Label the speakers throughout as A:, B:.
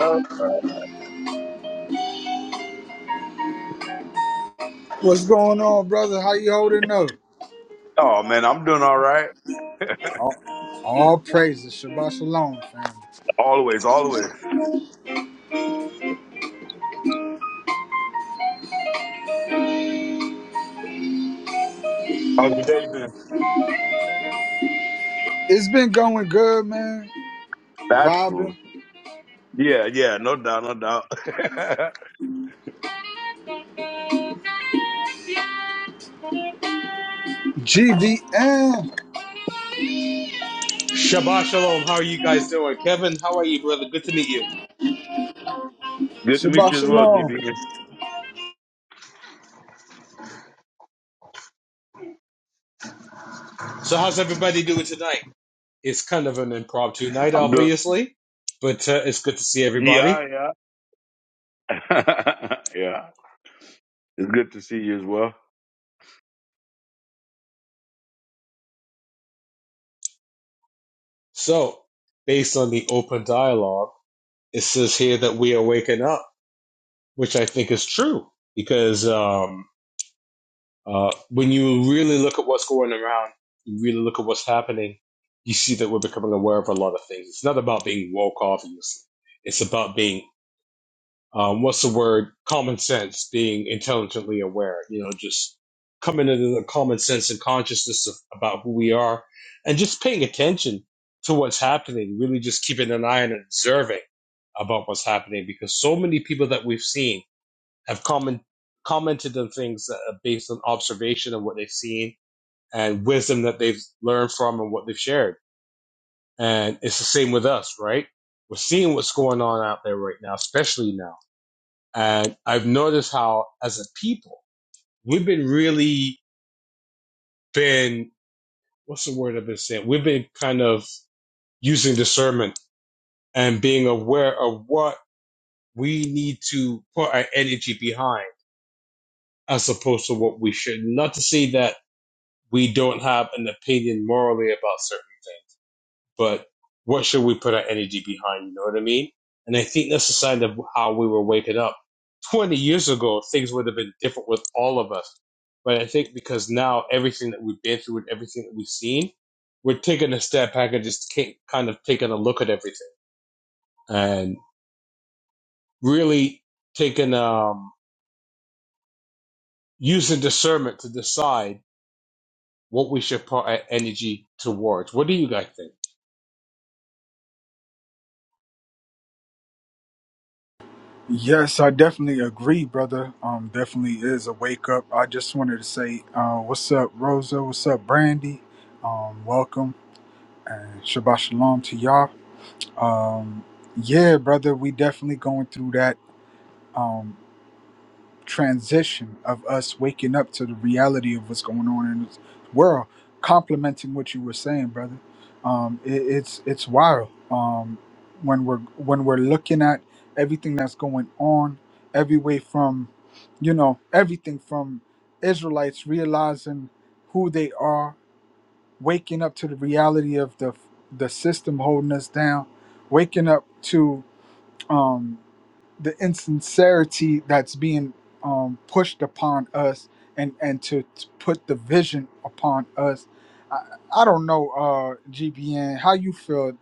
A: Oh,
B: What's going on, brother? How you holding up?
A: oh, man, I'm doing all right.
B: All, all praises, Shabbat Shalom, family.
A: Always, always. How's your day been?
B: It's been going good, man.
A: That's cool.
B: Vibing.
A: Yeah, yeah, no doubt, no doubt.
B: GVN.
C: Shabbat shalom. How are you guys doing? Kevin, how are you, brother? Good to meet you.
A: good to meet
B: Shabbat
A: you as well,
B: Shalom.
A: DB.
C: So, how's everybody doing tonight? It's kind of an impromptu night,
A: I'm doing.
C: obviously, but uh, it's good to see everybody.
A: Yeah, yeah, yeah. It's good to see you as well.
C: So, based on the open dialogue, it says here that we are waking up, which I think is true because um, uh, when you really look at what's going around, you really look at what's happening, you see that we're becoming aware of a lot of things. It's not about being woke, obviously. It's about being um, what's the word? Common sense, being intelligently aware, you know, just coming into the common sense and consciousness of, about who we are and just paying attention to what's happening, really just keeping an eye and observing about what's happening because so many people that we've seen have comment, commented on things that are based on observation of what they've seen and wisdom that they've learned from and what they've shared. And it's the same with us, right? We're seeing what's going on out there right now, especially now and I've noticed how, as a people, we've been really been what's the word I've been saying? We've been kind of using discernment and being aware of what we need to put our energy behind, as opposed to what we should. Not to say that we don't have an opinion morally about certain. but what should we put our energy behind? You know what I mean? And I think that's a sign of how we were waking up. 20 years ago, things would have been different with all of us. But I think because now everything that we've been through and everything that we've seen, we're taking a step back and just kind of taking a look at everything and really taking, um, using discernment to decide what we should put our energy towards. What do you guys think?
B: Yes, I definitely agree, brother. Um, definitely is a wake up. I just wanted to say, uh, what's up, Rosa? What's up, Brandy? Um, welcome and Shabbat Shalom to y'all. Um, yeah, brother, we definitely going through that. Um, transition of us waking up to the reality of what's going on in this world, complementing what you were saying, brother. Um, it, it's it's wild um, when we're when we're looking at everything that's going on, every way from, you know, everything from Israelites realizing who they are, waking up to the reality of the the system holding us down, waking up to. Um, the insincerity that's being um, pushed upon us and and to, to put the vision upon us I, I don't know uh gbn how you feel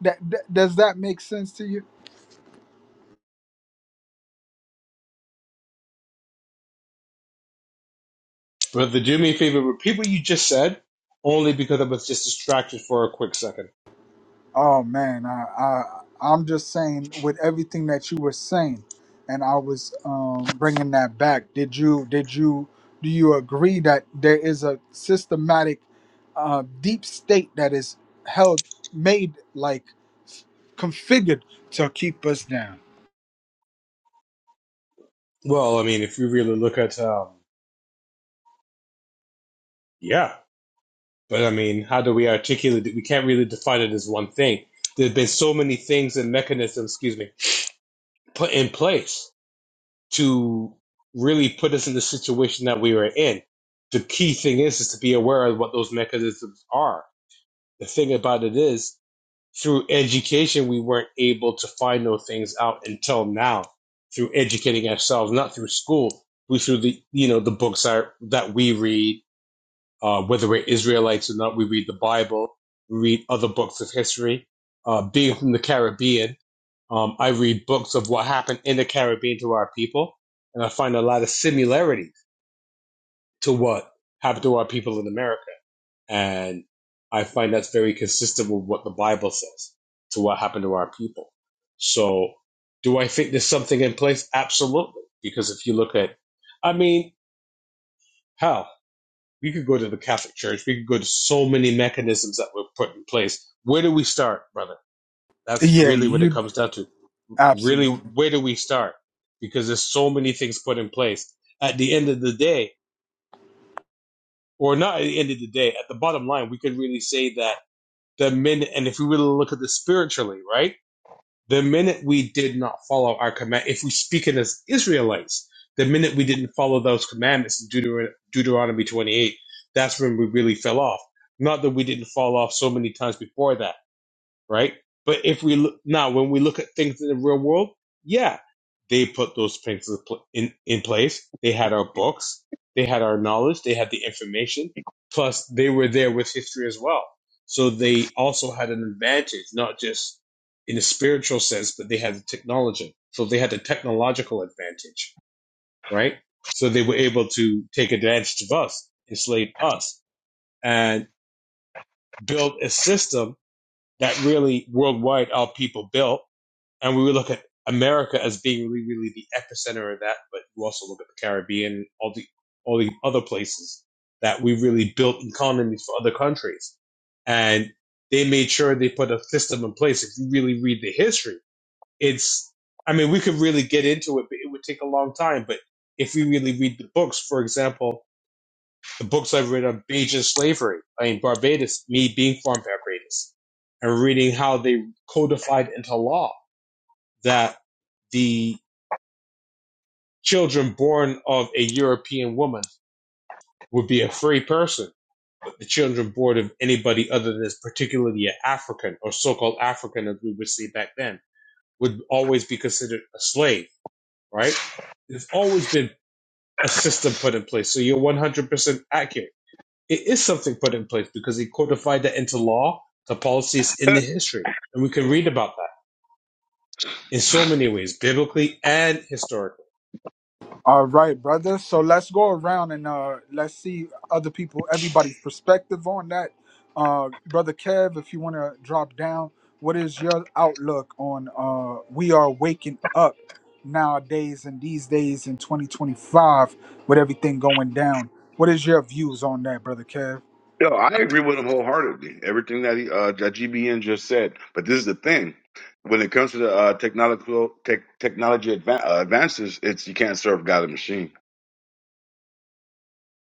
B: that, that does that make sense to you
C: Brother, do me a favor, repeat what you just said, only because I was just distracted for a quick second.
B: Oh man, I, I I'm just saying with everything that you were saying, and I was um, bringing that back. Did you did you do you agree that there is a systematic uh, deep state that is held made like configured to keep us down?
C: Well, I mean, if you really look at, um, yeah, but I mean, how do we articulate it? We can't really define it as one thing. there have been so many things and mechanisms, excuse me, put in place to really put us in the situation that we were in. The key thing is, is to be aware of what those mechanisms are. The thing about it is, through education we weren't able to find those things out until now through educating ourselves not through school we through the you know the books are, that we read uh, whether we're israelites or not we read the bible we read other books of history uh, being from the caribbean um, i read books of what happened in the caribbean to our people and i find a lot of similarities to what happened to our people in america and I find that's very consistent with what the Bible says to what happened to our people. So, do I think there's something in place? Absolutely. Because if you look at, I mean, hell, we could go to the Catholic Church, we could go to so many mechanisms that were put in place. Where do we start, brother? That's
B: Yeah,
C: really what it
B: you
C: comes down to. Really,
B: absolutely.
C: where do we start? Because there's so many things put in place. At the end of the day, or not at the end of the day, at the bottom line, we could really say that The minute, and if we really look at this spiritually, right? The minute we did not follow our command, if we speak it as Israelites, the minute we didn't follow those commandments in Deuter- Deuteronomy 28, that's when we really fell off. Not that we didn't fall off so many times before that right? But if we look now, when we look at things in the real world, yeah, they put those things in, pl- in in place. They had our books, they had our knowledge, they had the information. Plus, they were there with history as well. So they also had an advantage, not just in a spiritual sense, but they had the technology. So they had the technological advantage, right? So they were able to take advantage of us, enslave us, and build a system that really worldwide our people built and we would look at America as being really, really the epicenter of that, but you also look at the Caribbean, all the all the other places that we really built economies for other countries, and they made sure they put a system in place. If you really read the history, it's I mean we could really get into it, but it would take a long time. But if we really read the books, for example, the books I've read on Bajan slavery, I mean Barbados, me being from Barbados, and reading how they codified into law that the children born of a European woman would be a free person, but the children born of anybody other than this, particularly an African or so called African, as we would say back then, would always be considered a slave, right? There's always been a system put in place. So you're 100% accurate. It is something put in place because he codified that into law, the policies in the history. And we can read about that in so many ways, biblically and historically.
B: All right, brother. So let's go around and uh, let's see other people, everybody's perspective on that. Uh, brother Kev, if you want to drop down, what is your outlook on uh, we are waking up nowadays and these days in 2025 with everything going down? What is your views on that, brother Kev?
A: Yo, I agree with him wholeheartedly. Everything that he, uh, that GBN just said. But this is the thing: when it comes to the uh, technological tech, technology advan uh, advances, it's you can't serve God a machine.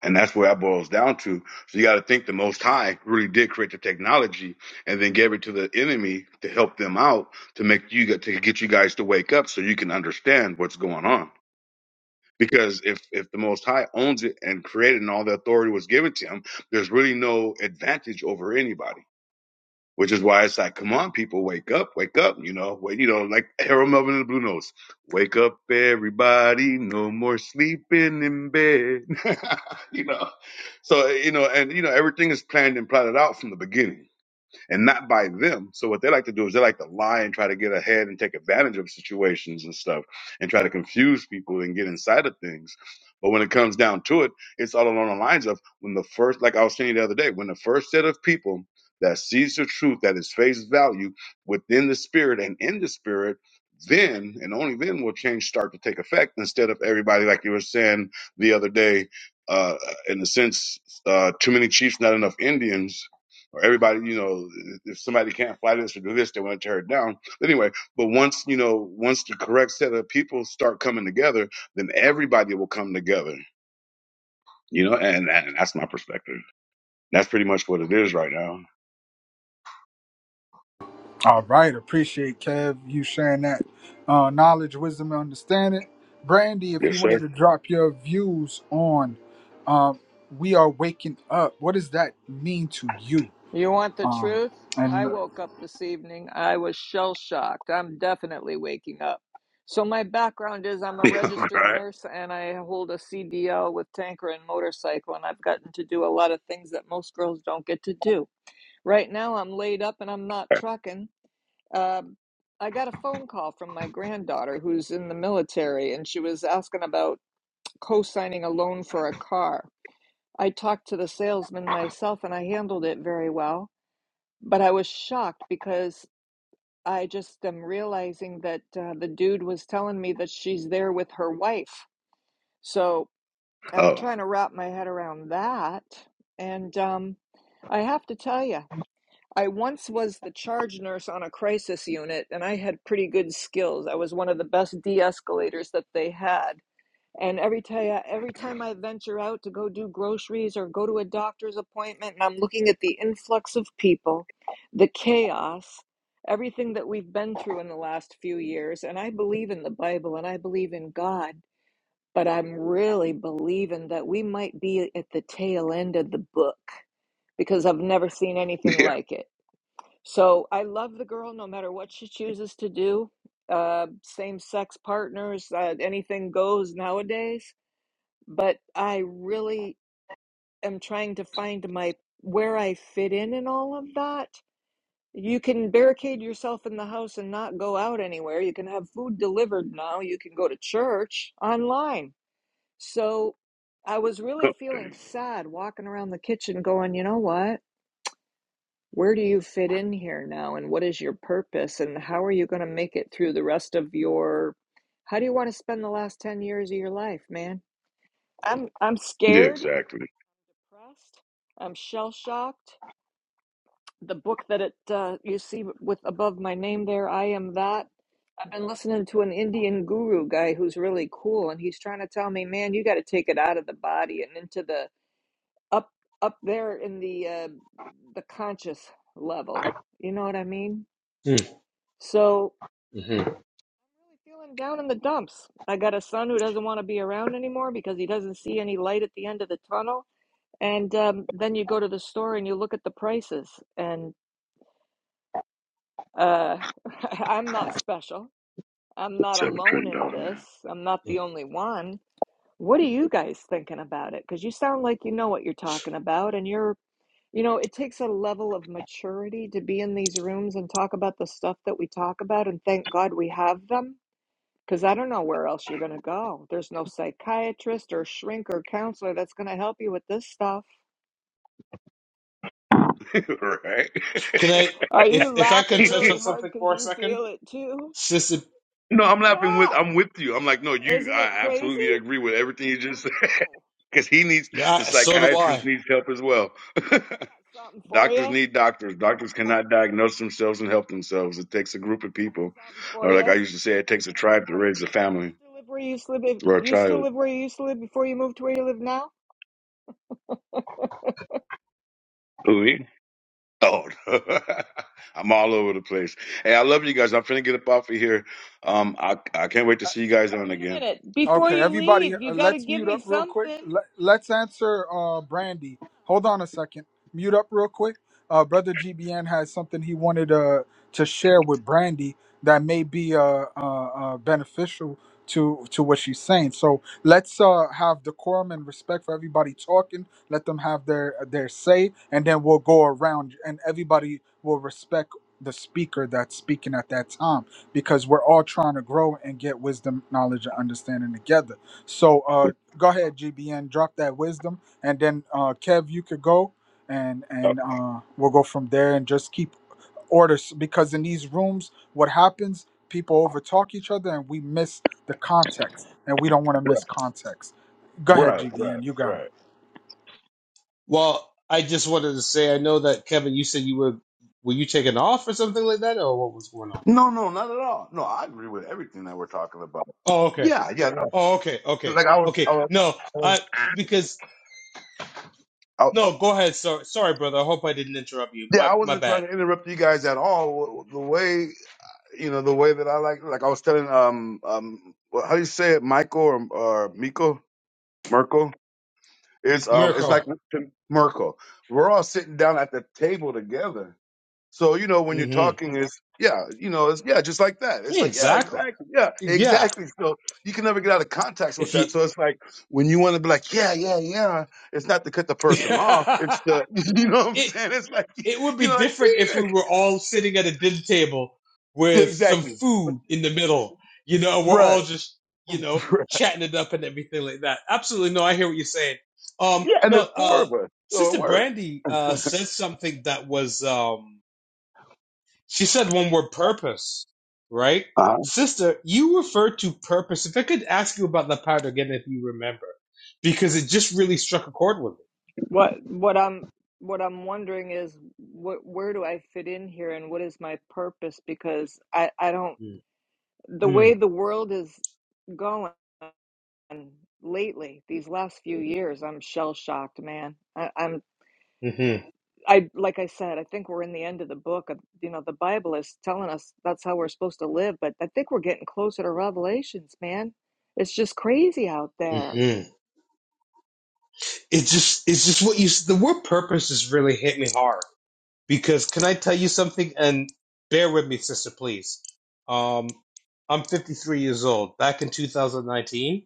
A: And that's where that boils down to. So you got to think the Most High really did create the technology and then gave it to the enemy to help them out to make you get to get you guys to wake up so you can understand what's going on. Because if if the Most High owns it and created and all the authority was given to him, there's really no advantage over anybody which is why it's like, come on, people, wake up, wake up, you know, wait, you know, like Harold Melvin and the Blue Notes, wake up, everybody, no more sleeping in bed, you know. So you know, and you know, everything is planned and plotted out from the beginning and not by them. So what they like to do is they like to lie and try to get ahead and take advantage of situations and stuff and try to confuse people and get inside of things. But when it comes down to it, it's all along the lines of when the first, like I was saying the other day, when the first set of people that sees the truth at its face value within the spirit and in the spirit, then and only then will change start to take effect instead of everybody like you were saying the other day uh in the sense uh too many chiefs not enough indians or everybody, you know, if somebody can't fly this or do this, they want to tear it down. But anyway, but once, you know, once the correct set of people start coming together, then everybody will come together, you know, and, and that's my perspective. That's pretty much what it is right now.
B: All right, appreciate Kev you sharing that uh, knowledge, wisdom, and understanding. Brandy, if
A: Yes,
B: you
A: sir.
B: wanted to drop your views on um, "We Are Waking Up," what does that mean to you?
D: You want the
B: Um,
D: truth? I
B: and
D: woke up this evening. I was shell shocked. I'm definitely waking up. So, my background is I'm a
A: Yeah,
D: registered
A: right.
D: nurse and I hold a CDL with tanker and motorcycle, and I've gotten to do a lot of things that most girls don't get to do. Right now, I'm laid up and I'm not trucking. Um I got a phone call from my granddaughter who's in the military, and she was asking about co signing a loan for a car. I talked to the salesman myself and I handled it very well. But I was shocked because I just am realizing that uh, the dude was telling me that she's there with her wife. So I'm
A: Oh,
D: trying to wrap my head around that. And um, I have to tell you, I once was the charge nurse on a crisis unit, and I had pretty good skills. I was one of the best de escalators that they had. And every time, every time I venture out to go do groceries or go to a doctor's appointment, and I'm looking at the influx of people, the chaos, everything that we've been through in the last few years, and I believe in the Bible and I believe in God, but I'm really believing that we might be at the tail end of the book because I've never seen anything
A: yeah.
D: like it. So I love the girl no matter what she chooses to do. Uh, same sex partners, uh, anything goes nowadays but I really am trying to find my where I fit in in all of that. You can barricade yourself in the house and not go out anywhere. You can have food delivered now. You can go to church online. So I was really
A: Oh,
D: feeling
A: Dang.
D: sad walking around the kitchen going, you know what? Where do you fit in here now? And what is your purpose? And how are you going to make it through the rest of your, how do you want to spend the last 10 years of your life, man? I'm I'm
A: Yeah,
D: scared.
A: exactly.
D: depressed. I'm shell shocked. The book that it uh, you see with above my name there, I am that. I've been listening to an Indian guru guy who's really cool, and he's trying to tell me, man, you got to take it out of the body and into the up up there in the uh, the conscious level. You know what I mean?
C: Mm,
D: So
C: mhm,
D: I'm really feeling down in the dumps. I got a son who doesn't want to be around anymore because he doesn't see any light at the end of the tunnel. And um, then you go to the store and you look at the prices, and Uh, I'm not special. I'm not
A: Seven
D: alone
A: trillion
D: in
A: dollar man.
D: this. I'm not the only one. What are you guys thinking about it? Because you sound like you know what you're talking about, and you're, you know, it takes a level of maturity to be in these rooms and talk about the stuff that we talk about, and thank God we have them. Because I don't know where else you're going to go. There's no psychiatrist or shrink or counselor that's going to help you with this stuff.
A: right.
C: Can I,
D: Are
C: if
D: you
C: if I
D: laughing
C: can touch on
D: really hard
C: something
D: because
C: for a
D: you
C: second,
D: feel it too?
C: Sissy?
A: no, I'm laughing with.
D: Yeah.
A: I'm with you. I'm like, no, you.
D: Isn't it
A: I absolutely
D: crazy?
A: agree with everything you just said.
D: Wow!
A: Because he needs the
C: I, so do
A: psychiatrist
C: I.
A: needs help as well.
D: Hey, I got something for you.
A: Doctors
D: I
A: need doctors. Doctors cannot diagnose themselves and help themselves. It takes a group of
D: got
A: people,
D: something for
A: or
D: you.
A: like I used to say, it takes a tribe to raise a
D: Do you
A: family
D: still live where you used to live?
A: or a
D: Do you still
A: child.
D: live where you used to live before you moved to where you live now?
A: Who me? Oh, I'm all over the place. Hey, I love you guys. I'm finna get up off of here. Um, I I can't wait to see you guys
D: No,
A: on
D: wait a
A: again.
D: minute. Before
B: Okay,
D: you
B: everybody, uh,
D: leave, you got to
B: let's
D: give
B: mute up
D: me
B: real quick.
D: something.
B: Let, let's answer uh, Brandy. Hold on a second. Mute up real quick. Uh, Brother GBN has something he wanted uh, to share with Brandy that may be uh, uh, uh, beneficial to to what she's saying. So let's uh, have decorum and respect for everybody talking. Let them have their their say, and then we'll go around, and everybody will respect the speaker that's speaking at that time because we're all trying to grow and get wisdom, knowledge, and understanding together. So uh, go ahead, GBN, drop that wisdom, and then uh, Kev, you could go, and and uh, we'll go from there, and just keep orders because in these rooms, what happens? People overtalk each other, and we miss the context, and we don't want to
A: Okay.
B: miss context. Go ahead,
A: Right, right, right,
B: GBN, you got it.
A: right.
C: Well, I just wanted to say I know that Kevin, you said you were were you taking off or something like that, or what was going on?
A: No, no, not at all. No, I agree with everything that we're talking about.
C: Oh, okay.
A: Yeah, yeah. No.
C: Oh, okay. Okay.
A: Like I was, I
C: Okay.
A: was, I
C: No,
A: was
C: I because
A: I-
C: no. Go ahead. Sorry, sorry, brother. I hope I didn't interrupt you.
A: yeah,
C: My
A: I
C: my
A: wasn't trying
C: bad.
A: to interrupt you guys at all. The way you know the way that I like like I was telling um um well, how do you say it Michael or, or Miko Merkel it's um it's like
C: Miracle.
A: Merkel we're all sitting down at the table together so you know when you're
C: Mm-hmm.
A: talking is yeah you know it's yeah just like that it's like yeah
C: Exactly.
A: exactly yeah
C: Yeah.
A: exactly so you can never get out of context with
C: If you.
A: that so it's like when you want to be like yeah yeah yeah it's not to cut the person off it's the you know what I'm
C: it,
A: saying it's like
C: It would
A: you
C: be
A: know like
C: different if
A: yeah,
C: we were all sitting at a dinner table
A: yeah
C: with some
A: exactly
C: food in the middle. You know, we're
A: right
C: all just, you know, chatting it up and everything like that. Absolutely. No, I hear what you're saying. Um,
A: Yeah, and
C: no,
A: there's four
C: uh,
A: of us, so it
C: Sister
A: works.
C: Brandy, uh, said something that was, um, she said one word purpose, right?
A: uh
C: Sister, you referred to purpose. If I could ask you about that part again, if you remember, because it just really struck a chord with
D: What what I'm what I'm wondering is what where do I fit in here and what is my purpose because I I don't
C: me.
D: the
C: Mm-hmm.
D: way the world is going lately these last few years I'm shell shocked man I, I'm I like I said, I think we're in the end of the book. Of, you know, the Bible is telling us that's how we're supposed to live, but I think we're getting closer to Revelations, man. It's just crazy out there.
C: Mm-hmm. it's just it's just what you the word purpose has really hit me hard because can I tell you something and bear with me sister please um I'm 53 years old back in 2019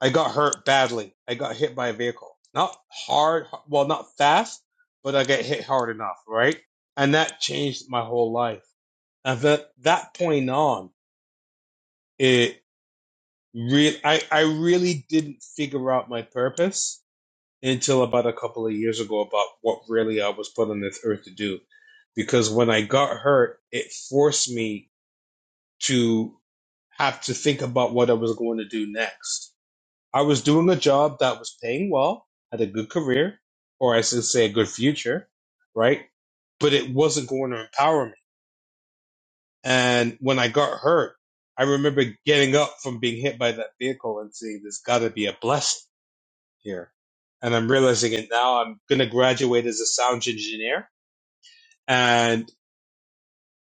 C: I got hurt badly I got hit by a vehicle not hard well not fast but I got hit hard enough right and that changed my whole life and that that point on it really, I I really didn't figure out my purpose until about a couple of years ago about what really I was put on this earth to do. Because when I got hurt, it forced me to have to think about what I was going to do next. I was doing a job that was paying well, had a good career, or I should say a good future, right? But it wasn't going to empower me. And when I got hurt, I remember getting up from being hit by that vehicle and saying, there's got to be a blessing here. And I'm realizing it now. I'm going to graduate as a sound engineer, and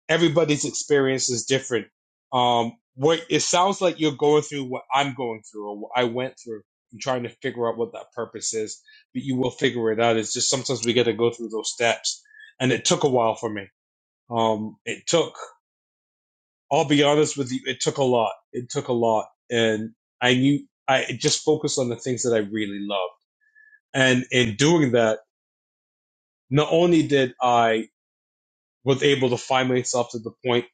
C: everybody's experience is different. Um, what it sounds like you're going through what I'm going through or what I went through. I'm trying to figure out what that purpose is, but you will figure it out. It's just sometimes we got to go through those steps, and it took a while for me. Um, it took. I'll be honest with you. It took a lot. It took a lot, and I knew I just focused on the things that I really loved. And in doing that not only did I was able to find myself to the point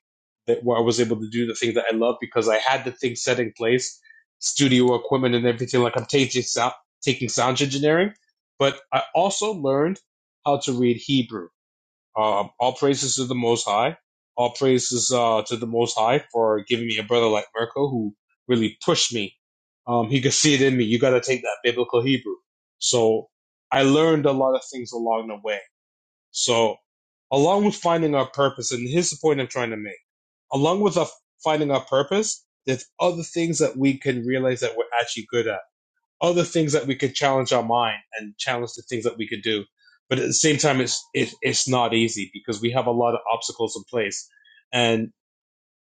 C: that where I was able to do the thing that I love because I had the thing set in place, studio equipment and everything. Like I'm taking sound, taking sound engineering, but I also learned how to read Hebrew. Um, all praises to the Most High. All praises uh, to the Most High for giving me a brother like Mirko who really pushed me. Um, he could see it in me. You got to take that biblical Hebrew. So I learned a lot of things along the way so, along with finding our purpose, and here's the point I'm trying to make along with our, finding our purpose, there's other things that we can realize that we're actually good at, other things that we could challenge our mind and challenge the things that we could do. But at the same time, it's, it, it's not easy because we have a lot of obstacles in place. And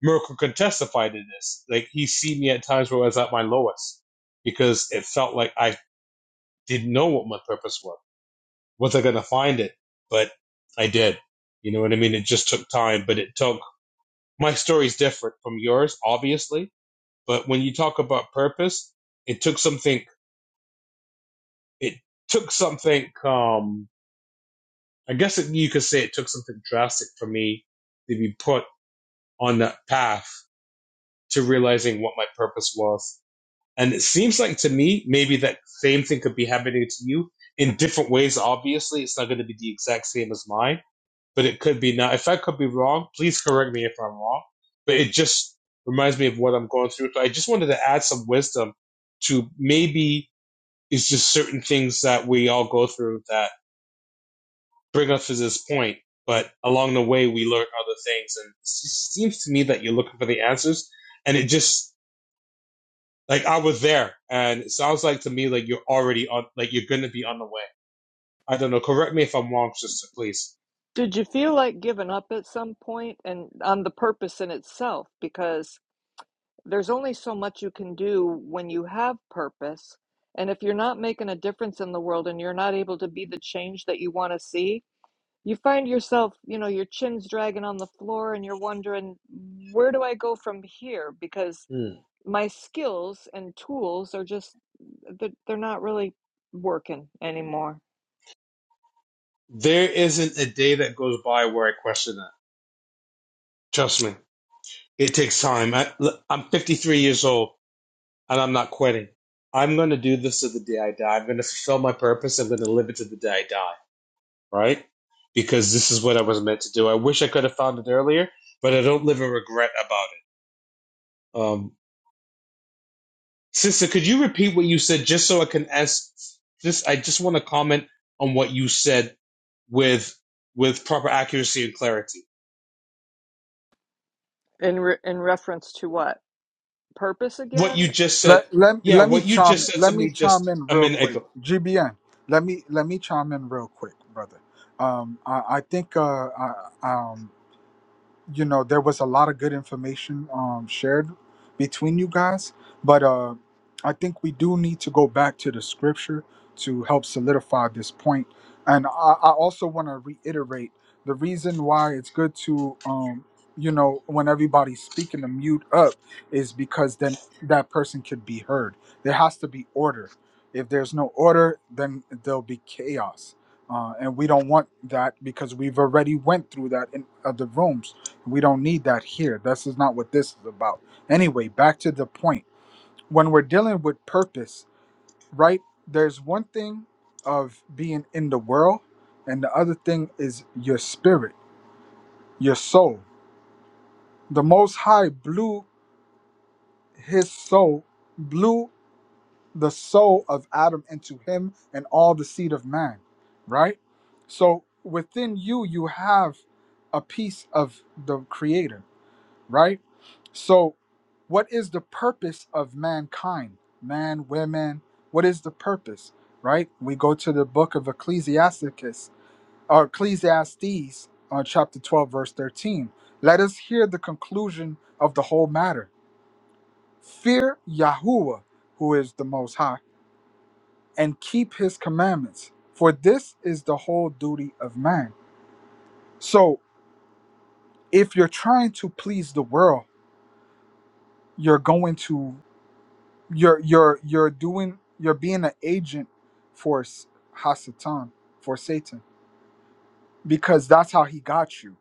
C: Miracle can testify to this. Like, he's seen me at times where I was at my lowest because it felt like I didn't know what my purpose was was I going to find it? But I did. You know what I mean? It just took time, but it took. My story's different from yours, obviously. But when you talk about purpose, it took something. It took something. Um, I guess it, you could say it took something drastic for me to be put on that path to realizing what my purpose was. And it seems like to me, maybe that same thing could be happening to you in different ways. Obviously, it's not going to be the exact same as mine but it could be not. If I could be wrong, please correct me if I'm wrong. But it just reminds me of what I'm going through. So I just wanted to add some wisdom to maybe it's just certain things that we all go through that bring us to this point. But along the way, we learn other things. And it seems to me that you're looking for the answers. And it just, like, I was there. And it sounds like to me, like, you're already on, like, you're going to be on the way. I don't know. Correct me if I'm wrong, sister, please.
D: Did you feel like giving up at some point and on the purpose in itself? Because there's only so much you can do when you have purpose. And if you're not making a difference in the world and you're not able to be the change that you want to see, you find yourself, you know, your chin's dragging on the floor and you're wondering, where do I go from here? Because
C: Hmm.
D: my skills and tools are just, they're, they're not really working anymore.
C: There isn't a day that goes by where I question that. Trust me, it takes time. I, look, I'm 53 years old and I'm not quitting. I'm going to do this to the day I die. I'm going to fulfill my purpose. I'm going to live it to the day I die, right? Because this is what I was meant to do. I wish I could have found it earlier, but I don't live in regret about it. Um, sister, could you repeat what you said just so I can ask? Just I just want to comment on what you said with with proper accuracy and clarity.
D: In, re- in reference to what? Purpose
C: What
D: again?
C: you just said,
B: Let, let,
C: yeah,
B: let me
C: what you
B: chime
C: just said
B: Let
C: to
B: me
C: me
B: chime
C: just
B: in
C: a
B: real
C: minute
B: quick.
C: ago.
B: GBN. Let me let me chime in real quick, brother. Um, I, I think uh, I, um, you know there was a lot of good information um, shared between you guys but uh, i think we do need to go back to the scripture to help solidify this point point. and i, I also want to reiterate the reason why it's good to um, you know when everybody's speaking to mute up is because then that person could be heard there has to be order if there's no order then there'll be chaos uh, and we don't want that because we've already went through that in other rooms we don't need that here. This is not what this is about. Anyway, back to the point. When we're dealing with purpose, right? There's one thing of being in the world, and the other thing is your spirit, your soul. The Most High blew his soul, blew the soul of Adam into him and all the seed of man, right? So within you, you have a piece of the Creator right? So, what is the purpose of mankind? Man, women, what is the purpose, right? We go to the book of Ecclesiasticus or Ecclesiastes on chapter 12, verse 13. Let us hear the conclusion of the whole matter. Fear Yahuwah, who is the Most High, and keep his commandments, for this is the whole duty of man. So, if you're trying to please the world, you're going to you're you're you're doing you're being an agent for S- Hasatan for Satan because that's how he got you.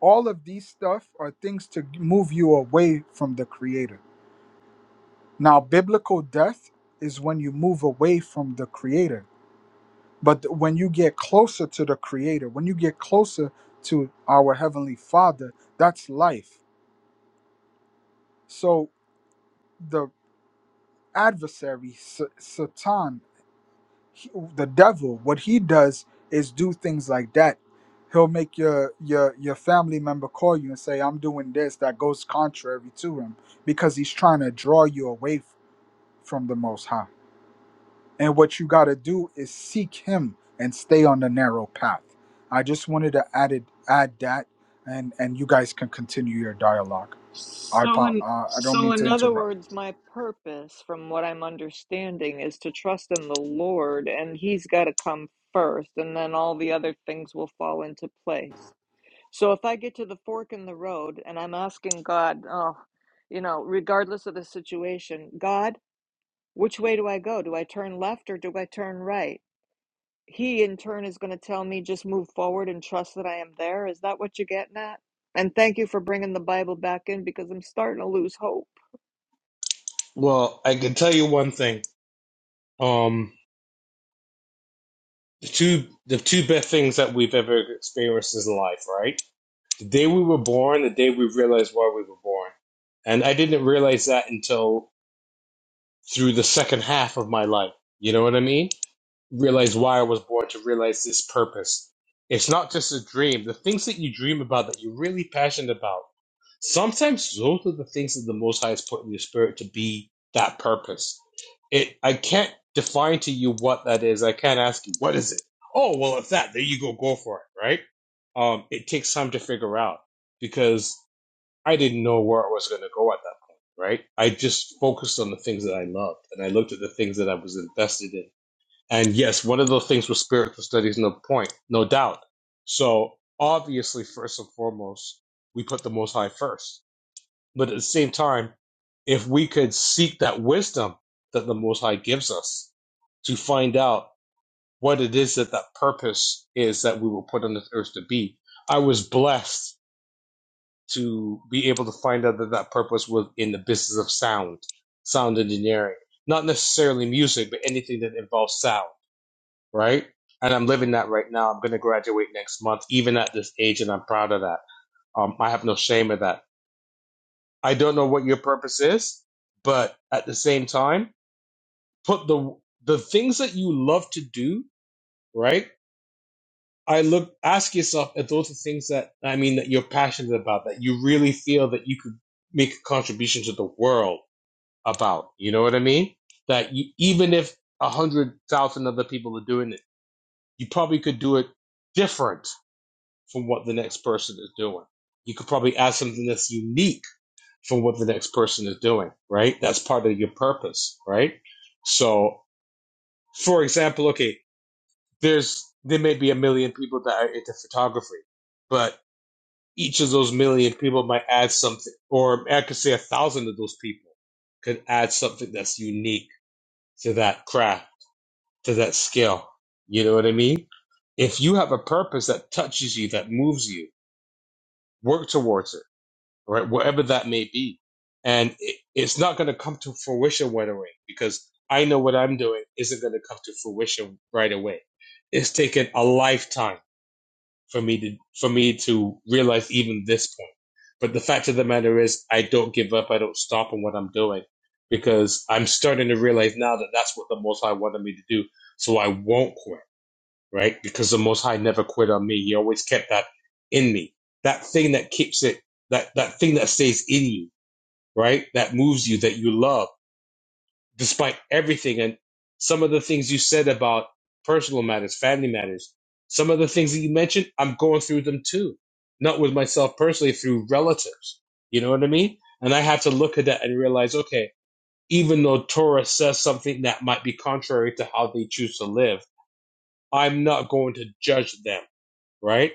B: All of these stuff are things to move you away from the creator. Now biblical death is when you move away from the creator. But th- when you get closer to the creator, when you get closer to our heavenly father, that's life. So the adversary S- Satan he- the devil what he does is do things like that he'll make your your your family member call you and say i'm doing this that goes contrary to him because he's trying to draw you away f- from the most high and what you got to do is seek him and stay on the narrow path i just wanted to add it add that and and you guys can continue your dialogue I
D: So
B: pop.
D: in,
B: Uh, I don't
D: so,
B: mean to
D: in other
B: interrupt.
D: words, my purpose, from what I'm understanding, is to trust in the Lord and He's got to come first, and then all the other things will fall into place. So if I get to the fork in the road and I'm asking God, oh, you know, regardless of the situation, God, which way do I go? Do I turn left or do I turn right? He in turn is going to tell me just move forward and trust that I am there. Is that what you're getting at? And thank you for bringing the Bible back in because I'm starting to lose hope.
C: Well, I can tell you one thing. Um, the two the two best things that we've ever experienced is life, right? The day we were born, the day we realized why we were born, and I didn't realize that until through the second half of my life. You know what I mean? realize why I was born to realize this purpose. It's not just a dream. The things that you dream about that you're really passionate about, sometimes those are the things that the Most High has put in your spirit to be that purpose. It, I can't define to you what that is. I can't ask you what is it. Oh well, if that, there you go, go for it, right? Um, it takes time to figure out because I didn't know where I was going to go at that point, right? I just focused on the things that I loved, and I looked at the things that I was invested in and yes, one of those things was spiritual studies, no point, no doubt. So obviously, first and foremost, we put the Most High first. But at the same time, if we could seek that wisdom that the Most High gives us to find out what it is that that purpose is that we were put on this earth to be, I was blessed to be able to find out that that purpose was in the business of sound, sound engineering, not necessarily music, but anything that involves sound right? And I'm living that right now. I'm going to graduate next month, even at this age, and I'm proud of that. Um, I have no shame of that. I don't know what your purpose is, but at the same time, put the the things that you love to do, right? I look, ask yourself if those are things that I mean that you're passionate about, that you really feel that you could make a contribution to the world about. You know what I mean? That you, even if a hundred thousand other people are doing it, you probably could do it different from what the next person is doing. You could probably add something that's unique from what the next person is doing, right? That's part of your purpose, right? So, for example, okay, there's there may be a million people that are into photography, but each of those million people might add something, or I could say a thousand of those people could add something that's unique to that craft, to that skill. You know what I mean? If you have a purpose that touches you, that moves you, work towards it right? Whatever that may be. And it, it's not going to come to fruition right away because I know what I'm doing isn't going to come to fruition right away. It's taken a lifetime for me to, for me to realize even this point. But the fact of the matter is I don't give up. I don't stop on what I'm doing because I'm starting to realize now that that's what the most High wanted me to do. So I won't quit right? Because the Most High never quit on me. He always kept that in me. That thing that keeps it, that, that thing that stays in you, right? That moves you, that you love, despite everything. And some of the things you said about personal matters, family matters, some of the things that you mentioned, I'm going through them too. Not with myself personally, through relatives. You know what I mean? And I had to look at that and realize, okay, even though Torah says something that might be contrary to how they choose to live, I'm not going to judge them right?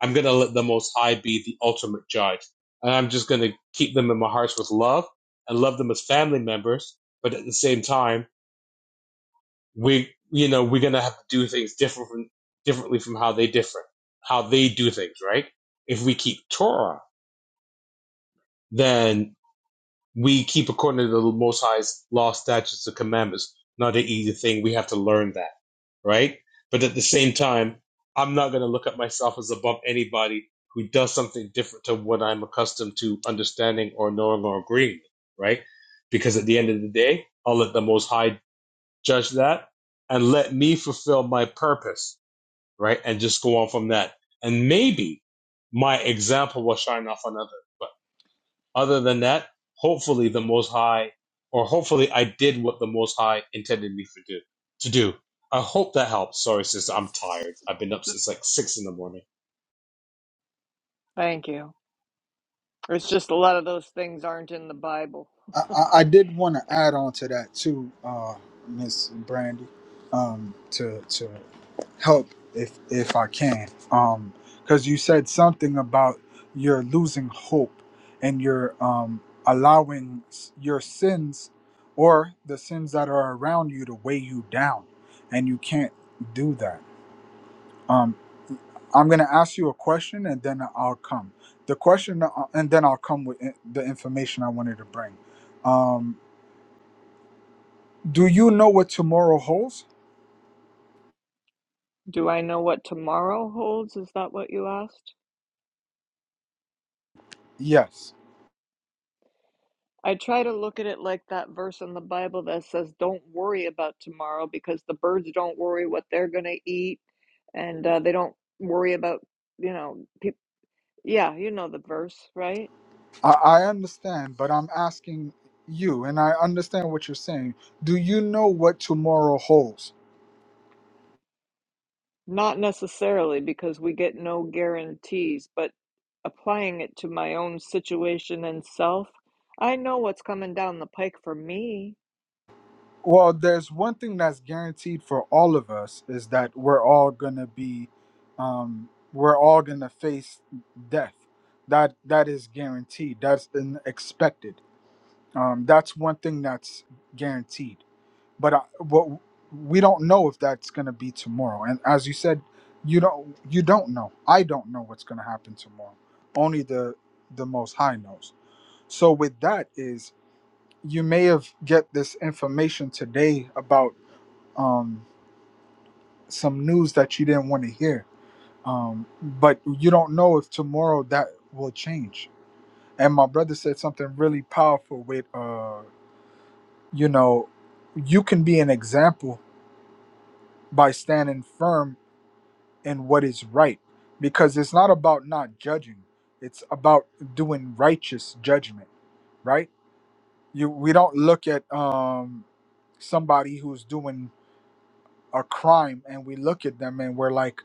C: I'm going to let the Most High be the ultimate judge. And I'm just going to keep them in my hearts with love and love them as family members. But at the same time, we, you know, we're going to have to do things different from, differently from how they differ, how they do things, right? If we keep Torah, then we keep according to the Most High's law, statutes, and commandments, not an easy thing. We have to learn that. right? But at the same time, I'm not going to look at myself as above anybody who does something different to what I'm accustomed to understanding or knowing or agreeing with, right? Because at the end of the day, I'll let the Most High judge that and let me fulfill my purpose, right? And just go on from that. And maybe my example will shine off another. Other than that, hopefully the Most High, or hopefully I did what the Most High intended me for do, to do. I hope that helps. Sorry, sister, I'm tired. I've been up since like six in the morning.
D: Thank you. It's just a lot of those things aren't in the Bible.
B: I, I I did want to add on to that too, uh, Miss Brandy, um, to to help if if I can, Um, 'cause because you said something about you're losing hope and you're um, allowing s- your sins or the sins that are around you to weigh you down, and you can't do that. Um, I'm gonna ask you a question and then I'll come. The question uh, and then I'll come with in- the information I wanted to bring. Um, Do you know what tomorrow holds?
D: Do I know what tomorrow holds? Is that what you asked?
B: Yes.
D: I try to look at it like that verse in the Bible that says, Don't worry about tomorrow because the birds don't worry what they're going to eat and uh, they don't worry about, you know, people. Yeah, you know the verse, right?
B: I, I understand, but I'm asking you, and I understand what you're saying. Do you know what tomorrow holds?
D: Not necessarily because we get no guarantees, but applying it to my own situation and self, I know what's coming down the pike for me.
B: Well, there's one thing that's guaranteed for all of us is that we're all gonna be, um, we're all gonna face death. That that is guaranteed. That's an expected. Um, that's one thing that's guaranteed. but I, what we don't know if that's going to be tomorrow and as you said you don't you don't know i don't know what's going to happen tomorrow only the the most high knows so with that is you may have get this information today about um some news that you didn't want to hear um but you don't know if tomorrow that will change and my brother said something really powerful with uh you know you can be an example by standing firm and what is right because it's not about not judging it's about doing righteous judgment right you we don't look at um somebody who's doing a crime and we look at them and we're like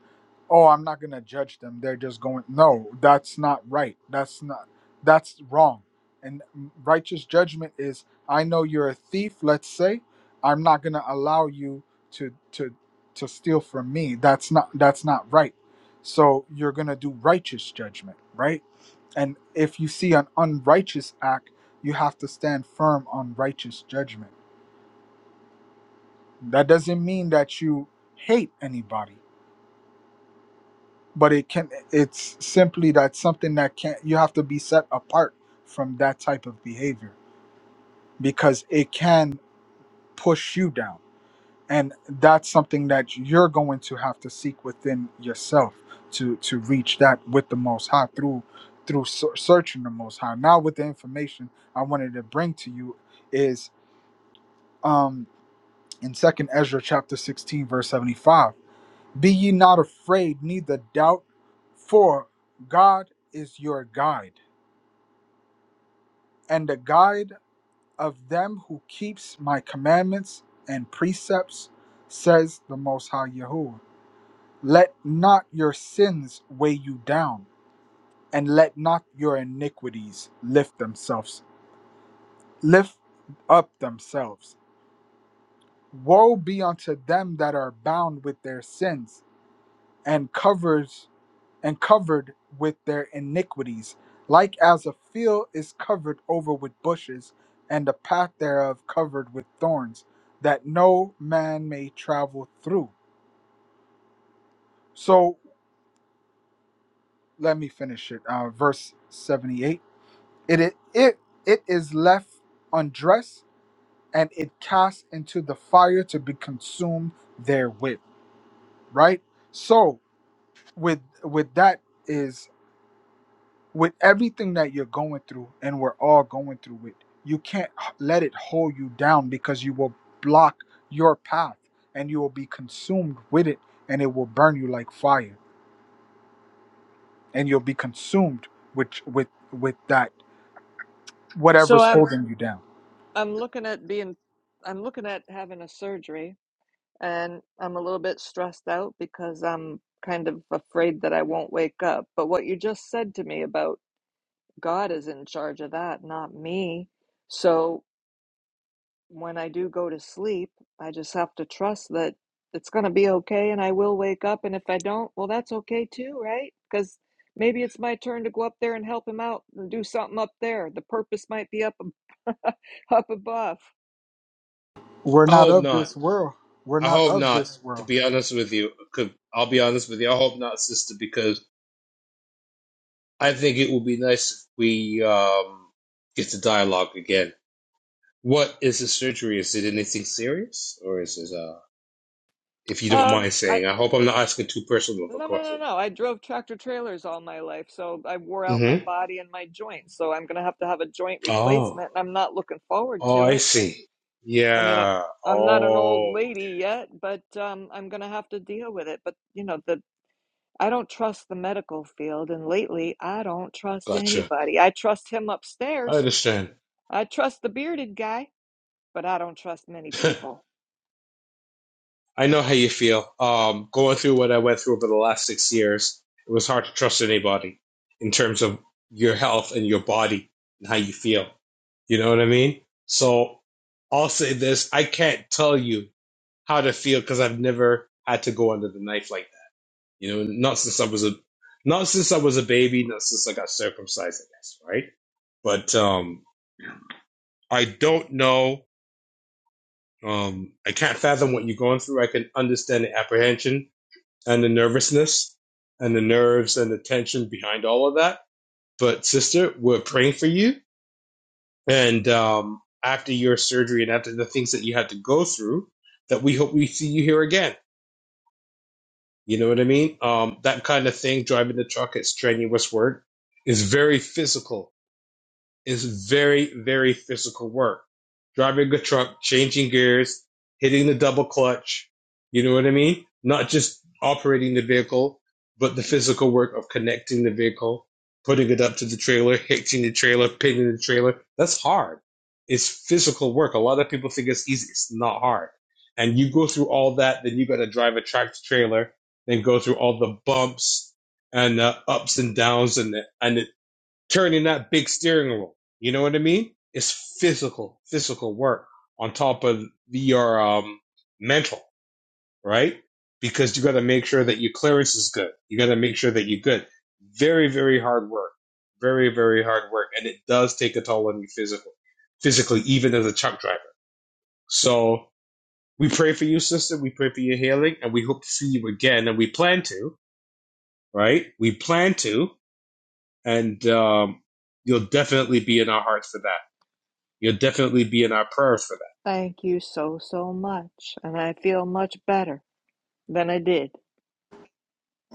B: oh i'm not going to judge them they're just going no that's not right that's not that's wrong and righteous judgment is i know you're a thief let's say i'm not going to allow you to to to steal from me that's not that's not right so you're going to do righteous judgment right and if you see an unrighteous act you have to stand firm on righteous judgment that doesn't mean that you hate anybody but it can it's simply that something that can't you have to be set apart from that type of behavior because it can push you down and that's something that you're going to have to seek within yourself to to reach that with the most high through through ser- searching the most high now with the information i wanted to bring to you is um in second ezra chapter 16 verse 75 Be ye not afraid, neither doubt, for God is your guide, and the guide of them who keeps my commandments and precepts, says the Most High Yahweh. Let not your sins weigh you down, and let not your iniquities lift themselves lift up themselves. Woe be unto them that are bound with their sins, and covered and covered with their iniquities, like as a field is covered over with bushes, and the path thereof covered with thorns, that no man may travel through. So let me finish it. Uh, verse 78. It, it, it, it is left undressed, and it cast into the fire to be consumed therewith. Right? So with with that is with everything that you're going through and we're all going through it you can't h- let it hold you down because you will block your path and you will be consumed with it and it will burn you like fire and you'll be consumed with with with that
D: So
B: whatever's
D: I'm
B: holding you down
D: I'm looking at being I'm looking at having a surgery and I'm a little bit stressed out because I'm kind of afraid that I won't wake up. But what you just said to me about God is in charge of that, not me. So when I do go to sleep, I just have to trust that it's going to be okay and I will wake up. And if I don't, well, that's okay too, right? Because maybe it's my turn to go up there and help him out and do something up there. The purpose might be up ab- up above.
B: we're
C: I
B: not
C: hope
B: of
C: not.
B: this world we're
C: I
B: not
C: hope
B: of
C: not.
B: this
C: To
B: world
C: be honest with you, 'Cause I'll be honest with you. I hope not, sister, because I think it would be nice if we um, get to dialogue again. What is the surgery? Is it anything serious, or is it? Uh, if you don't
D: Um,
C: mind
D: I
C: saying, I hope I'm not asking too personal of a
D: No, no, no,
C: question.
D: no. I drove tractor trailers all my life, so I wore out my
C: Mm-hmm.
D: body and my joints. So I'm gonna have to have a joint
C: Oh.
D: replacement, and I'm not looking forward
C: Oh,
D: to
C: I
D: it.
C: see.
D: I mean, I,
C: Yeah.
D: I'm not an old
C: Oh,
D: lady yet, but um, I'm gonna have to deal with it. But you know, the I don't trust the medical field, and lately I don't trust
C: gotcha.
D: anybody. I trust him
C: I
D: upstairs.
C: understand.
D: I trust the bearded guy, but I don't trust many people.
C: I know how you feel. Um, going through what I went through over the last six years, it was hard to trust anybody in terms of your health and your body and how you feel. You know what I mean? So I'll say this: I can't tell you how to feel because I've never had to go under the knife like that. You know, not since I was a, not since I was a baby, not since I got circumcised, I guess, right? But um, I don't know. Um, I can't fathom what you're going through. I can understand the apprehension and the nervousness and the nerves and the tension behind all of that. But sister, we're praying for you. And um, after your surgery and after the things that you had to go through, that we hope we see you here again. You know what I mean? Um, that kind of thing, driving the truck, it's strenuous work, It's very physical is very, very physical work. Driving a truck, changing gears, hitting the double clutch. You know what I mean? Not just operating the vehicle, but the physical work of connecting the vehicle, putting it up to the trailer, hitching the trailer, pinning the trailer. That's hard. It's physical work. A lot of people think it's easy. It's not hard. And you go through all that, then you got to drive a tractor trailer, then go through all the bumps and uh, ups and downs and the, and the turning that big steering wheel. You know what I mean? It's physical, physical work on top of your um, mental, right? Because you got to make sure that your clearance is good. You got to make sure that you're good. Very, very hard work. Very, very hard work, and it does take a toll on you physically, physically, even as a truck driver. So we pray for you, sister. We pray for your healing, and we hope to see you again. And we plan to, right? We plan to, and um, you'll definitely be in our hearts for that. You'll definitely be in our prayers for that.
D: Thank you so, so much, and I feel much better than I did.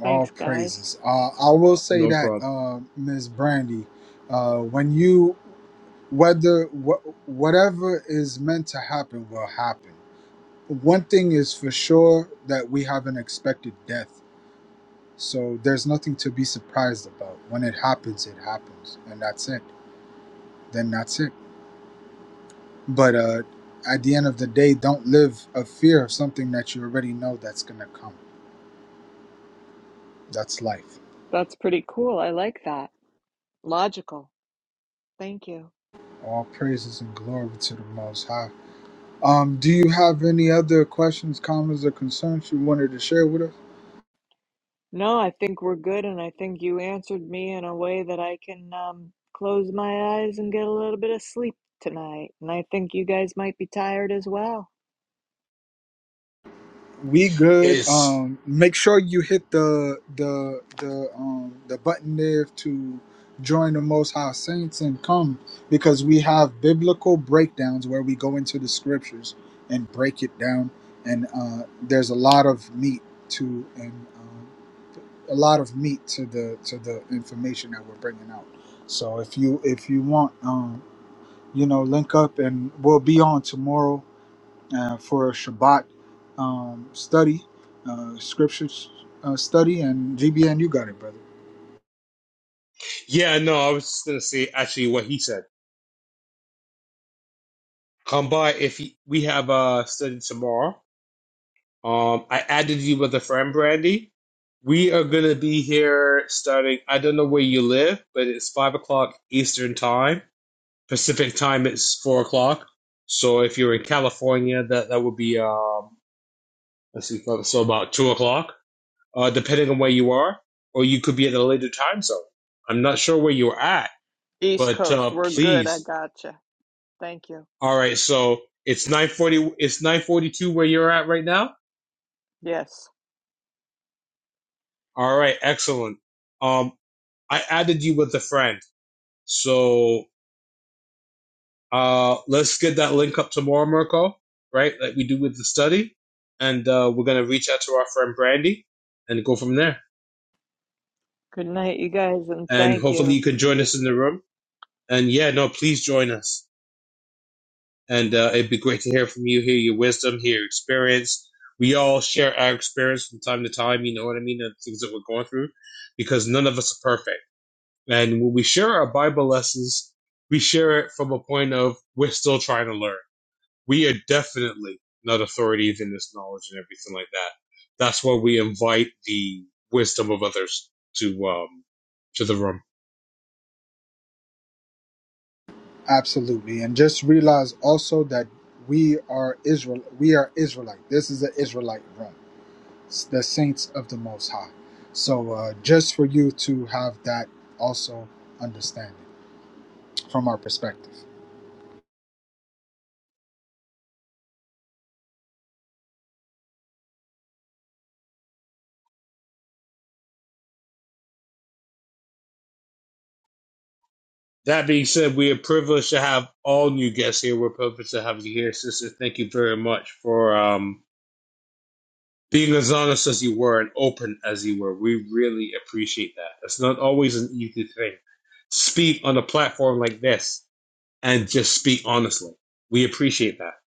B: all
D: Thanks, guys.
B: praises uh, i will say
C: No
B: that
C: problem.
B: uh, ms brandy uh, when you whether wh- whatever is meant to happen will happen one thing is for sure that we have an expected death. So there's nothing to be surprised about. When it happens, it happens, and that's it. Then that's it. But uh, at the end of the day, don't live a fear of something that you already know that's gonna come. That's life.
D: That's pretty cool. I like that. Logical. Thank you.
B: All praises and glory to the Most High. Um, do you have any other questions, comments, or concerns you wanted to share with us?
D: No, I think we're good, and I think you answered me in a way that I can um, close my eyes and get a little bit of sleep tonight. And I think you guys might be tired as well.
B: We good.
C: Is
B: Um, make sure you hit the the the um the button there to join the Most High Saints and come because we have biblical breakdowns where we go into the scriptures and break it down, and uh, there's a lot of meat to and um, a lot of meat to the to the information that we're bringing out. So if you if you want, um, you know, link up and we'll be on tomorrow uh, for a Shabbat um, study, uh, scriptures uh, study, and GBN, you got it, brother.
C: yeah, no, I was just gonna say actually what he said. Come by if you, we have a study tomorrow. Um, I added you with a friend, Brandy. We are gonna be here starting. I don't know where you live, but it's five o'clock Eastern time. Pacific time it's four o'clock. So if you're in California, that that would be um, let's see, so so about two o'clock, uh, depending on where you are, or you could be at a later time zone. I'm not sure where you're at
D: East
C: But
D: Coast,
C: uh,
D: we're good. I
C: please,
D: gotcha. Thank you.
C: all right. So it's nine forty. It's nine forty-two where you're at right now.
D: Yes.
C: All right, excellent. Um, I added you with a friend, so uh, let's get that link up tomorrow, Mirko. Right, like we do with the study, and uh, we're gonna reach out to our friend Brandy and go from there.
D: Good night, you guys, and
C: And
D: thank
C: hopefully
D: you.
C: you can join us in the room. And yeah, no, please join us. and uh, it'd be great to hear from you, hear your wisdom, hear your experience. We all share our experience from time to time, you know what I mean, and the things that we're going through, because none of us are perfect. And when we share our Bible lessons, we share it from a point of we're still trying to learn. We are definitely not authorities in this knowledge and everything like that. That's why we invite the wisdom of others to um to the room.
B: Absolutely, and just realize also that we are Israel. We are Israelite. This is the Israelite room, It's the saints of the Most High. So, uh, just for you to have that also understanding from our perspective.
C: That being said, we are privileged to have all new guests here. We're privileged to have you here, sister. Thank you very much for um, being as honest as you were and open as you were. We really appreciate that. It's not always an easy thing. Speak on a platform like this and just speak honestly. We appreciate that.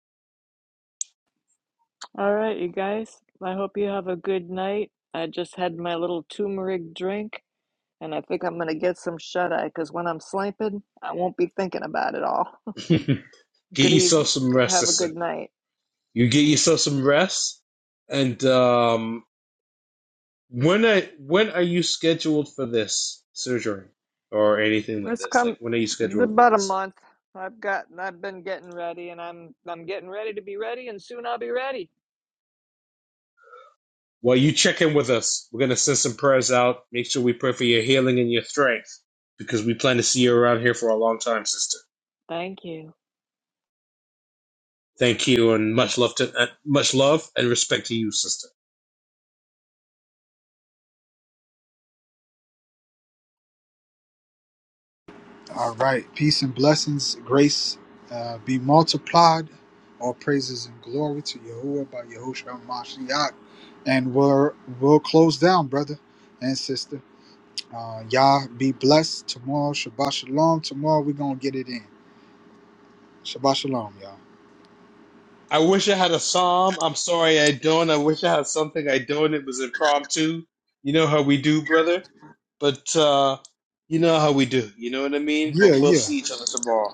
D: All right, you guys. I hope you have a good night. I just had my little turmeric drink, and I think I'm gonna get some shut eye because when I'm sleeping, I won't be thinking about it all.
C: get
D: Good
C: yourself
D: evening.
C: some rest,
D: Have a
C: sister.
D: good night.
C: You get yourself some rest, and um, When I when are you scheduled for this surgery or anything like
D: It's
C: this? Like
D: come
C: when are you scheduled for
D: about a
C: this?
D: month. I've got. I've been getting ready, and I'm. I'm getting ready to be ready, and soon I'll be ready.
C: Well, you check in with us. We're gonna send some prayers out. Make sure we pray for your healing and your strength because we plan to see you around here for a long time, sister.
D: Thank you.
C: Thank you and much love to uh, much love and respect to you, sister.
B: All right. Peace and blessings, grace uh, be multiplied. All praises and glory to Yahuwah by Yahushua Mashiach. And we're, we'll close down, brother and sister. Uh, y'all be blessed tomorrow. Shabbat Shalom. Tomorrow we're going to get it in. Shabbat Shalom, y'all.
C: I wish I had a psalm. I'm sorry I don't. I wish I had something I don't. It was impromptu. You know how we do, brother. But uh you know how we do. You know what I mean?
B: Yeah,
C: But we'll
B: yeah.
C: see each other tomorrow.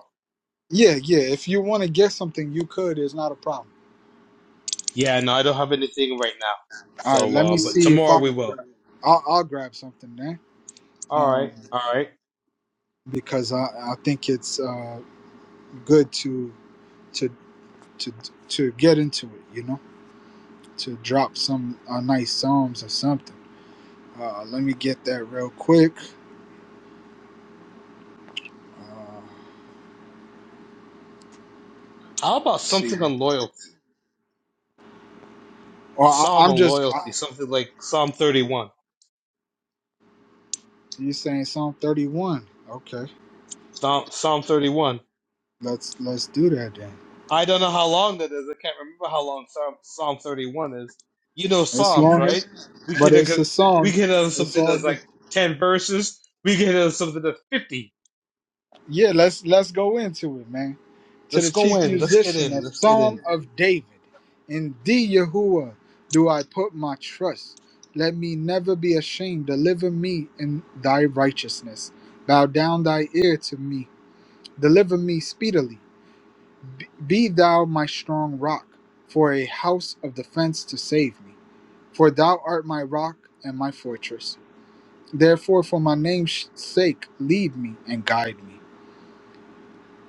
B: Yeah, yeah. If you want to get something, you could. It's not a problem.
C: Yeah, no, I don't have anything right now.
B: All right.
C: So,
B: Let me
C: uh, but
B: see if I,
C: tomorrow we will.
B: I'll, I'll grab something then.
C: All right,
B: Um,
C: all right.
B: because I, I think it's uh, good to. to to to get into it, you know, to drop some uh, nice psalms or something. Uh, let me get that real quick. Uh,
C: How about
B: let's see,
C: something on loyalty?
B: or
C: A
B: I,
C: psalm
B: I'm
C: on
B: just I,
C: loyalty, something like Psalm 31.
B: you saying Psalm 31? Okay,
C: Psalm, Psalm 31.
B: let's let's do that then.
C: I don't know how long that is. I can't remember how long Psalm, Psalm 31 is. You know
B: It's
C: Psalms,
B: long
C: right? We
B: but
C: could have,
B: it's
C: go-
B: a
C: we
B: song.
C: could have
B: It's
C: something
B: all
C: that's
B: good.
C: like 10 verses. We could have something that's 50.
B: Yeah, let's let's go into it, man. To
C: Let's
B: the
C: go
B: chief
C: in. Let's get
B: musician, a
C: in. Let's get
B: psalm
C: in.
B: of David. In thee, Yahuwah, do I put my trust. Let me never be ashamed. Deliver me in thy righteousness. Bow down thy ear to me. Deliver me speedily. Be thou my strong rock, for a house of defense to save me. For thou art my rock and my fortress. Therefore, for my name's sake, lead me and guide me.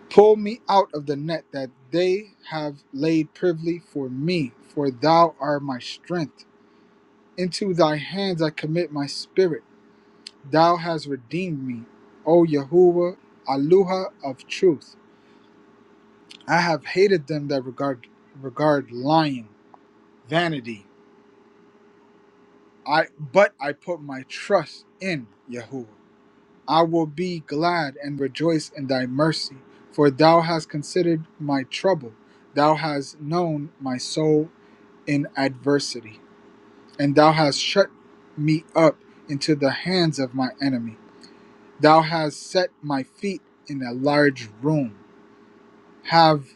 B: Pull me out of the net that they have laid privily for me, for thou art my strength. Into thy hands I commit my spirit. Thou hast redeemed me, O Yahuwah, Aluha of truth. I have hated them that regard regard lying, vanity. I but I put my trust in Yahuwah. I will be glad and rejoice in thy mercy, for thou hast considered my trouble. Thou hast known my soul in adversity, and thou hast shut me up into the hands of my enemy. Thou hast set my feet in a large room. Have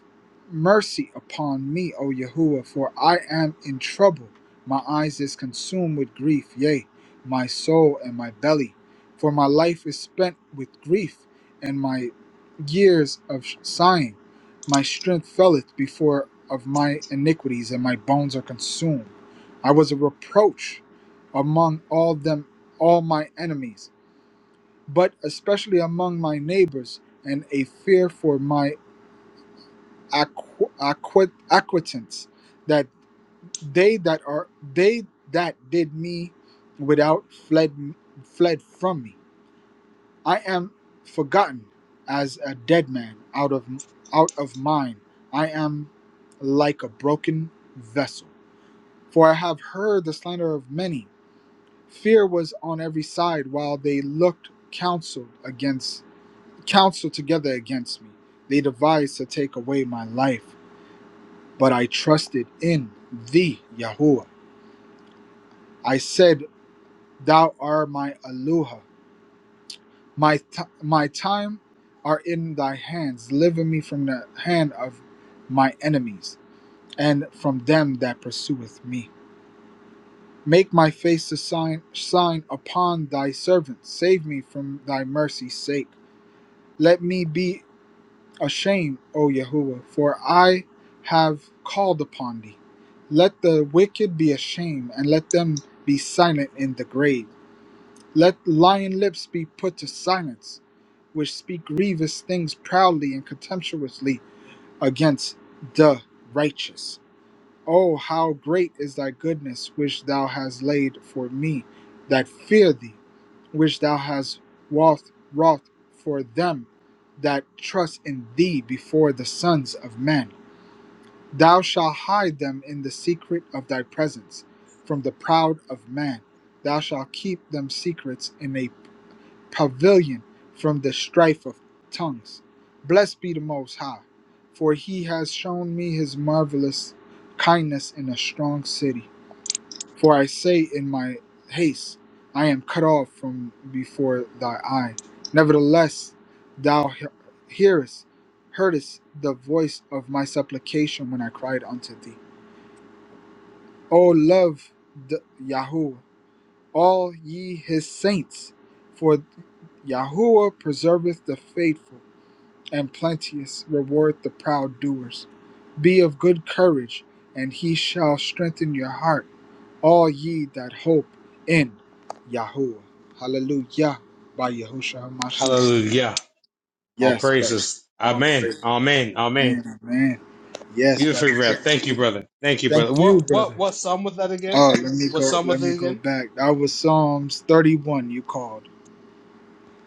B: mercy upon me, O Yahuwah, for I am in trouble. My eyes is consumed with grief, yea, my soul and my belly. For my life is spent with grief, and my years of sighing. My strength faileth before of my iniquities, and my bones are consumed. I was a reproach among all them, all my enemies, but especially among my neighbors, and a fear for my acqu- acquit- acquittance that they that are they that did me without fled fled from me i am forgotten as a dead man out of out of mine i am like a broken vessel for i have heard the slander of many fear was on every side while they looked counseled against counsel together against me they devised to take away my life but I trusted in thee, Yahuwah. I said, Thou art my Aluha. My, t- my time are in thy hands. Deliver me from the hand of my enemies and from them that pursueth me. Make my face to sign, shine upon thy servant. Save me from thy mercy's sake. Let me be Ashamed, O Yahuwah, for I have called upon thee. Let the wicked be ashamed, and let them be silent in the grave. Let lying lips be put to silence, which speak grievous things proudly and contemptuously against the righteous. Oh, how great is thy goodness which thou hast laid for me that fear thee, which thou hast wrought, wrought for them that trust in thee before the sons of men. Thou shalt hide them in the secret of thy presence from the proud of man. Thou shalt keep them secrets in a pavilion from the strife of tongues. Blessed be the Most High, for he has shown me his marvelous kindness in a strong city. For I say in my haste, I am cut off from before thy eye. Nevertheless, thou he- hearest, heardest the voice of my supplication when I cried unto thee. O love the Yahweh all ye his saints, for Yahuwah preserveth the faithful, and plenteous reward the proud doers. Be of good courage, and he shall strengthen your heart, all ye that hope in Yahuwah. Hallelujah. By Yahushua HaMashiach.
C: Hallelujah. All
B: Yes, brother.
C: praises.
B: All
C: Amen.
B: praise.
C: Amen. Amen.
B: Man, man. Yes, brother.
C: Beautiful read, Thank you, brother. Thank you,
B: Thank
C: brother.
B: you,
C: What
B: brother.
C: what what song was that again?
B: Oh, let me
C: What
B: go.
C: song
B: Let
C: was
B: me
C: it
B: go
C: again?
B: back. That was Psalms 31. You called.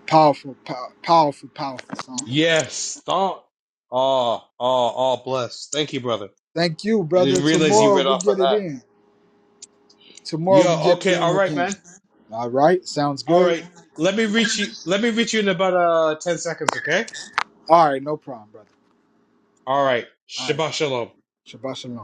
B: Powerful, pow- powerful, powerful song.
C: Yes. Thought. Oh, oh, oh, bless. Thank you, brother.
B: Thank you,
C: I
B: brother.
C: didn't realize you
B: Tomorrow
C: read
B: we
C: off of
B: get it
C: that.
B: in. Tomorrow we
C: Yo,
B: get it
C: okay,
B: in
C: all right,
B: again.
C: man.
B: All right, sounds
C: All
B: good.
C: right. Let me reach you let me reach you in about uh ten seconds, okay?
B: All right, no problem, brother.
C: All right.
B: All right,
C: Shabbat shalom.
B: Shabbat Shalom.